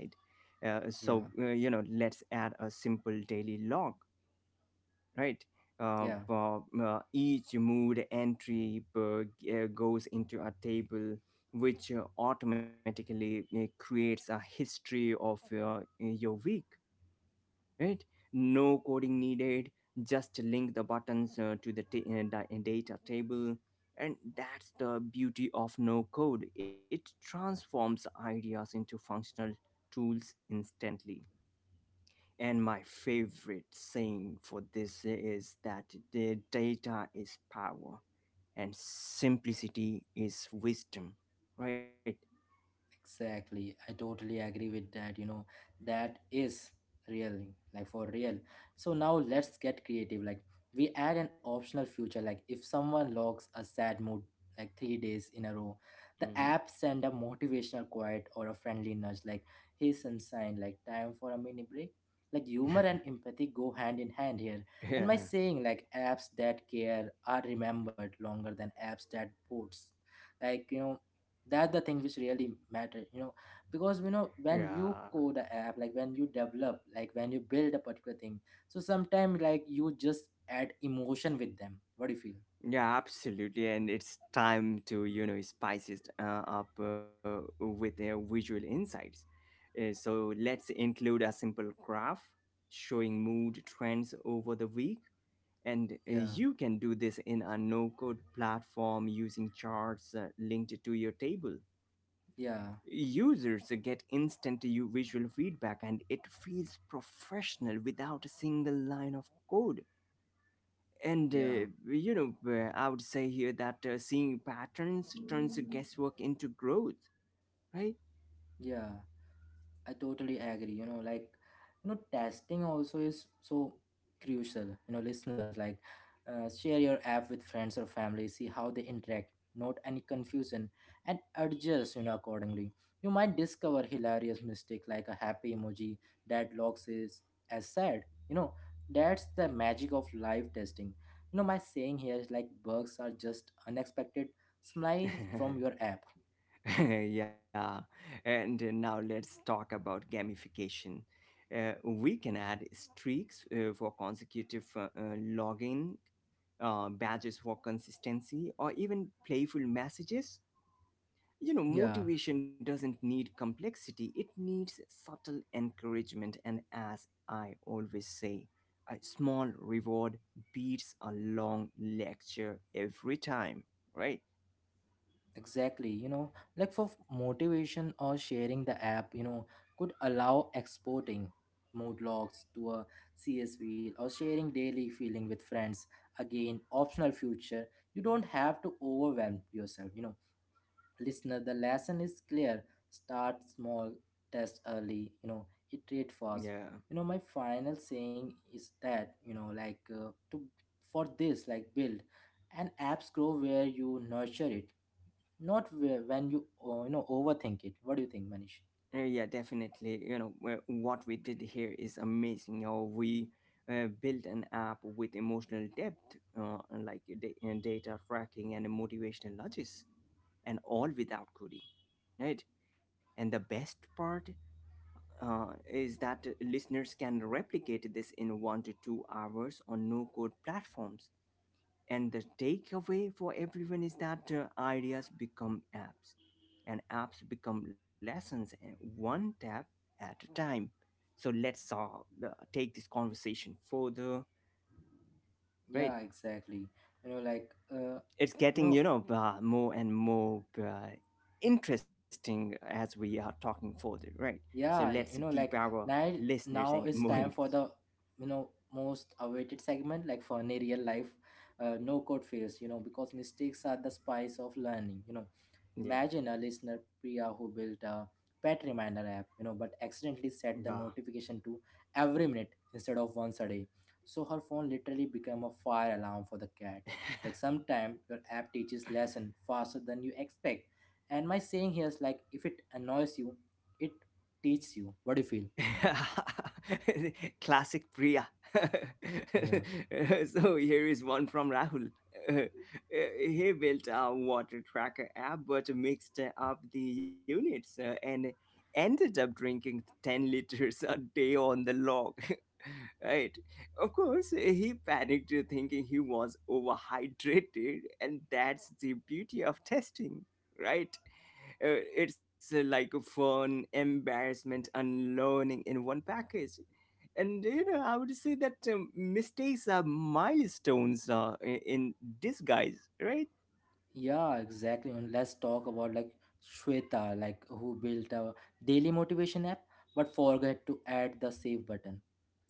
S1: Yeah,
S2: Let's add a simple daily log, right?
S1: yeah,
S2: Each mood entry goes into a table which automatically creates a history of your week, right? No coding needed, just link the buttons to the data table. And that's the beauty of no code. It transforms ideas into functional tools instantly. And my favorite saying for this is that the data is power and simplicity is wisdom, right?
S1: exactly. I totally agree with that. You know, that is real, like for real. So now let's get creative. Like we add an optional feature, like if someone logs a sad mood like 3 days in a row, the
S2: Hmm.
S1: app send a motivational quote or a friendly nudge, like hey sunshine, like time for a mini break. Like humor and empathy go hand in hand here.
S2: (laughs)
S1: And my
S2: Yeah,
S1: saying like apps that care are remembered longer than apps that boats. Like you know that the thing which really matter, you know, because you know when
S2: yeah,
S1: you code a app, like when you develop, like when you build a particular thing, so sometimes like you just add emotion with them. What do you feel?
S2: yeah, absolutely. And it's time to, you know, spice it up with visual insights. So let's include a simple graph showing mood trends over the week. And
S1: Yeah,
S2: you can do this in a no code platform using charts linked to your table.
S1: yeah,
S2: Users get instant visual feedback, and it feels professional without a single line of code. And
S1: yeah,
S2: I would say here that seeing patterns turns guesswork into growth, right?
S1: yeah, I totally agree. You know, like, you know, testing also is so crucial. You know, listeners, like, share your app with friends or family, see how they interact, note any confusion, and adjust, you know, accordingly. You might discover hilarious mistake like a happy emoji that logs is as sad. You know, that's the magic of live testing. You know, my saying here is like bugs are just unexpected smile from your
S2: (laughs)
S1: app.
S2: (laughs) Yeah, and now let's talk about gamification. We can add streaks for consecutive login, badges for consistency, or even playful messages. You know,
S1: Yeah.
S2: motivation doesn't need complexity, it needs subtle encouragement. And as I always say, a small reward beats a long lecture every time, right?
S1: Exactly, you know, like for motivation or sharing the app, you know, could allow exporting mood logs to a CSV or sharing daily feeling with friends. Again, optional future. You don't have to overwhelm yourself, you know. Listener, the lesson is clear. Start small, test early, you know, iterate fast.
S2: Yeah.
S1: You know, my final saying is that, you know, like to for this, like build and apps grow where you nurture it, not where, when you you know overthink it. What do you think, Manish?
S2: Yeah, definitely. You know, what we did here is amazing. You know, we built an app with emotional depth, and data tracking and motivational nudges, and all without coding, right? And the best part is that listeners can replicate this in 1 to 2 hours on no code platforms. And the takeaway for everyone is that ideas become apps, and apps become lessons one tap at a time. So let's take this conversation further, right?
S1: Yeah, exactly. You know, like,
S2: It's
S1: you
S2: getting,
S1: know
S2: you know, more and more interesting as we are talking further, right? So
S1: yeah,
S2: let's
S1: you know
S2: keep
S1: like
S2: our
S1: now,
S2: listeners
S1: now
S2: en- (laughs)
S1: it's
S2: more
S1: time for
S2: engaged.
S1: the, you know, most awaited segment like for a real life no code phase. You know, because mistakes are the spice of learning, you know.
S2: Yeah,
S1: Imagine a listener, Priya, who built a pet reminder app, you know, but accidentally set the
S2: yeah.
S1: notification to every minute instead of once a day. So her phone literally became a fire alarm for the cat. Like sometimes your app teaches lesson faster than you expect. And my saying here is like if it annoys you, it teaches you. What do you
S2: (laughs) Classic Priya. (laughs)
S1: feel?
S2: so here is one from Rahul. (laughs) He built a water tracker app, but mixed up the units and ended up drinking 10 liters a day on the log. (laughs) right. Of course, he panicked thinking he was overhydrated, and that's the beauty of testing, right? It's like a fun, embarrassment, and learning in one package. And you know, I would say that mistakes are milestones I- in disguise, right?
S1: Yeah, exactly. And let's talk about like Shweta, like who built a daily motivation app but forgot to add the save button.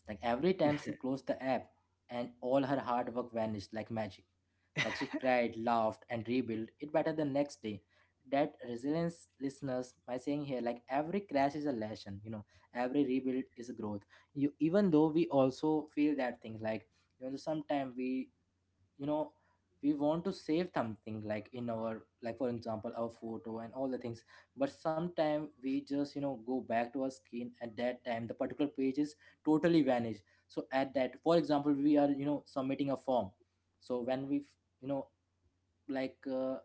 S1: Like every time she closed the app and all her hard work vanished like magic. Like she cried, laughed, and rebuilt it better the next day. That resilience listeners, my saying here, like every crash is a lesson, you know, every rebuild is a growth. You even though we also feel that things like you know sometimes we, you know, we want to save something like in our like for example our photo and all the things, but sometime we just you know go back to our screen at that time the particular page is totally vanished. So at that for example we are, you know, submitting a form. So when we, you know, like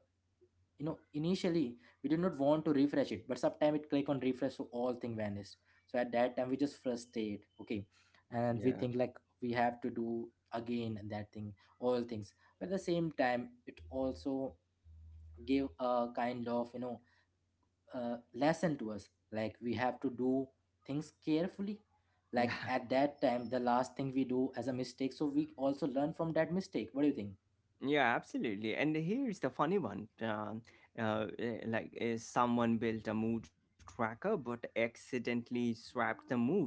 S1: you know initially we did not want to refresh it but sometime it click on refresh so all thing vanished. So at that time we just frustrated, okay, and we
S2: Yeah,
S1: think like we have to do again that thing, all things, but at the same time it also gave a kind of, you know, lesson to us like we have to do things carefully, like
S2: yeah,
S1: at that time the last thing we do as a mistake so we also learn from that mistake. What do you think?
S2: (laughs) yeah, absolutely. And here's the funny one. Eh, like eh, someone built a mood tracker but accidentally swapped the moods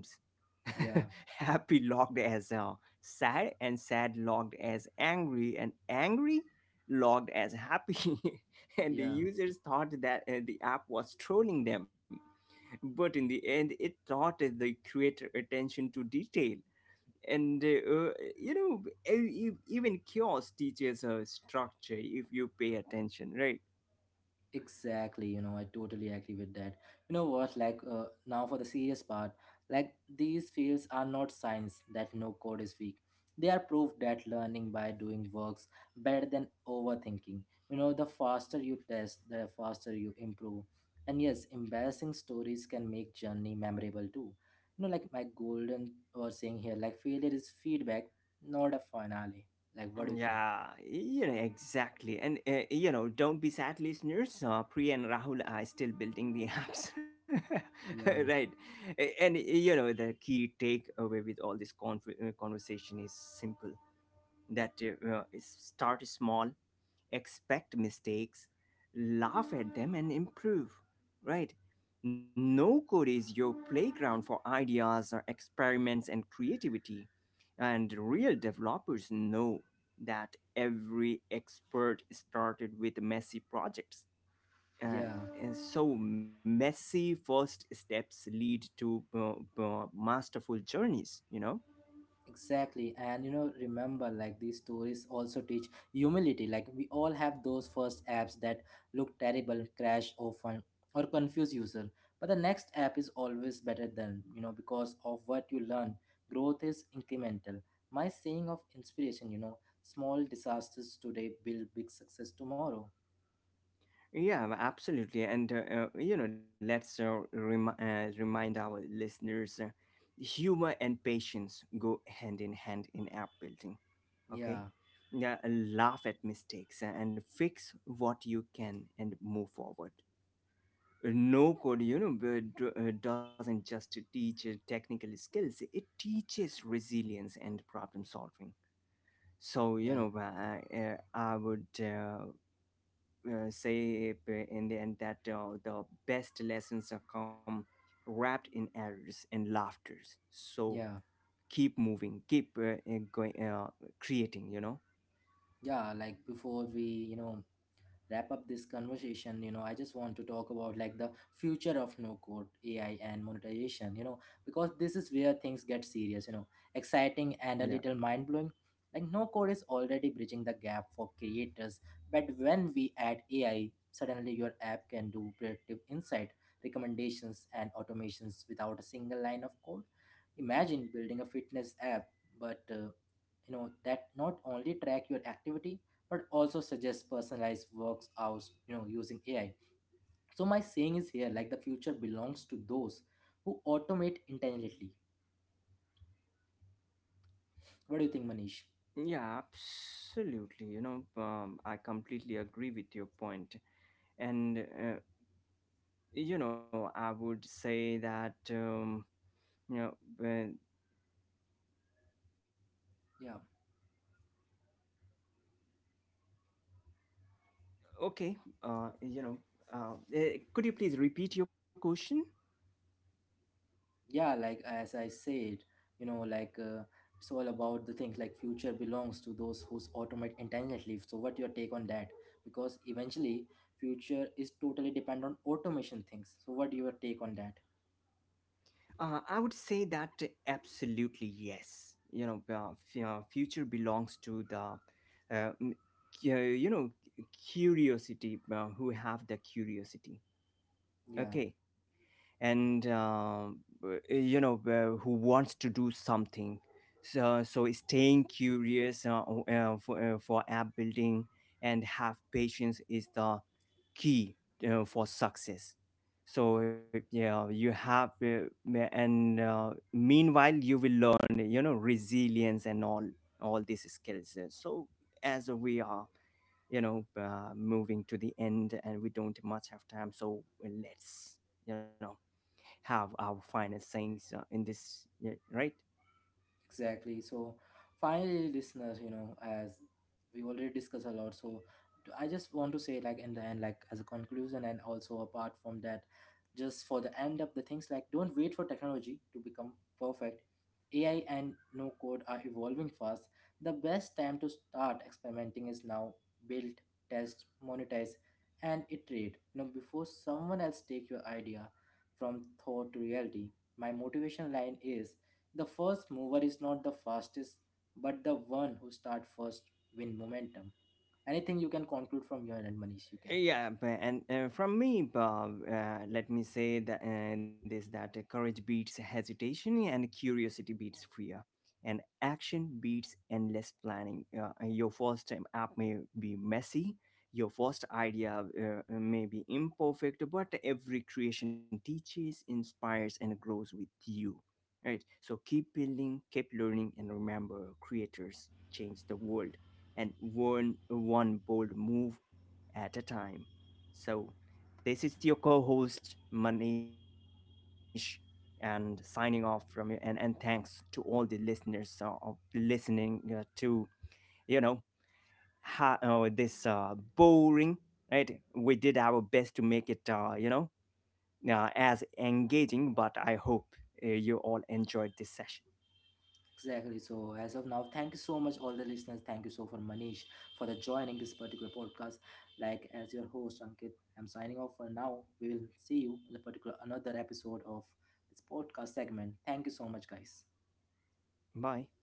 S1: Yeah,
S2: (laughs) happy logged as sad and sad logged as angry and angry logged as happy (laughs) and the
S1: yeah.
S2: users thought that the app was trolling them but in the end it taught the creator attention to detail and you know e- e- even chaos teaches a structure if you pay attention right
S1: Exactly, you know, I totally agree with that. You know what, like, now for the serious part, like, these fields are not signs that no code is weak. They are proof that learning by doing works better than overthinking. You know, the faster you test, the faster you improve. And yes, embarrassing stories can make journey memorable too. You know, like my golden was saying here, like, failure is feedback, not a finale. Like, what
S2: Mm,
S1: do you think?
S2: Yeah, you know, exactly. And, you know, don't be sad, listeners. Priya and Rahul are still building the apps. (laughs)
S1: Yeah,
S2: right. A- And, you know, the key takeaway with all this con- conversation is simple that is start small, expect mistakes, laugh at them, and improve. Right. No code is your playground for ideas or experiments and creativity, and real developers know that every expert started with messy projects. Uh,
S1: yeah.
S2: and so messy first steps lead to masterful journeys, you know?
S1: Exactly, and you know, remember, like these stories also teach humility. Like we all have those first apps that look terrible, crash often, or confuse user. But the next app is always better than you know because of what you learn. Growth is incremental. My saying of inspiration, you know, small disasters today build big success tomorrow.
S2: Yeah, absolutely. And, you know, let's remind our listeners, humor and patience go hand in hand in app building. Okay?
S1: Yeah,
S2: Yeah, laugh at mistakes and fix what you can and move forward. No code, you know, doesn't just teach technical skills, it teaches resilience and problem solving. So you
S1: yeah,
S2: know I would say in the end that the best lessons are come wrapped in errors and laughters, so
S1: yeah,
S2: keep moving, keep going, creating, you know?
S1: yeah. Like before we, you know, wrap up this conversation, you know, I just want to talk about like the future of no code AI and monetization, you know, because this is where things get serious, you know, exciting and a
S2: Yeah,
S1: little mind blowing. Like no code is already bridging the gap for creators, but when we add AI, suddenly your app can do predictive insight, recommendations, and automations without a single line of code. Imagine building a fitness app, but you know that not only track your activity but also suggests personalized works out, you know, using AI. So my saying is here like the future belongs to those who automate intelligently. What do you think, Manish?
S2: yeah, absolutely. You know, I completely agree with your point. And you know, I would say that, you know when,
S1: Yeah,
S2: okay, uh, you know could you please repeat your question.
S1: yeah, like as I said, you know, like it's all about the things like future belongs to those who automate intelligently. So what your take on that? Because eventually future is totally depend on automation things. So what your take on that?
S2: I would say that absolutely yes, you know, future belongs to the uh, m- you know, curiosity, who have the curiosity,
S1: Yeah,
S2: okay? And you know, who wants to do something. So staying curious, for app building and have patience is the key for success. So yeah, you have and meanwhile you will learn, you know, resilience and all these skills. So as we are, you know, moving to the end and we don't much have time, so let's, you know, have our financings in this, yeah, right?
S1: exactly. So finally, listeners, you know, as we already discussed a lot, so I just want to say, like, in the end, like, as a conclusion, and also apart from that, just for the end of the things, like, don't wait for technology to become perfect. AI and no code are evolving fast. The best time to start experimenting is now. Build, test, monetize, and iterate. You know, before someone else take your idea from thought to reality. My motivation line is the first mover is not the fastest, but the one who start first win momentum. Anything you can conclude from your end, Manish, you can.
S2: And from me bob, let me say that this that courage beats hesitation and curiosity beats fear and action beats endless planning. Your first app may be messy, your first idea may be imperfect, but every creation teaches, inspires and grows with you, right? So keep building, keep learning, and remember, creators change the world, and one bold move at a time. So this is your co-host Manish and signing off from you, and thanks to all the listeners of listening to, you know, this boring, right? We did our best to make it, you know, as engaging, but I hope you all enjoyed this session.
S1: Exactly. So as of now, thank you so much, all the listeners. Thank you so for Manish for the joining this particular podcast. Like as your host, Ankit, I'm signing off for now. We will see you in the particular another episode of this podcast segment. Thank you so much, guys.
S2: Bye.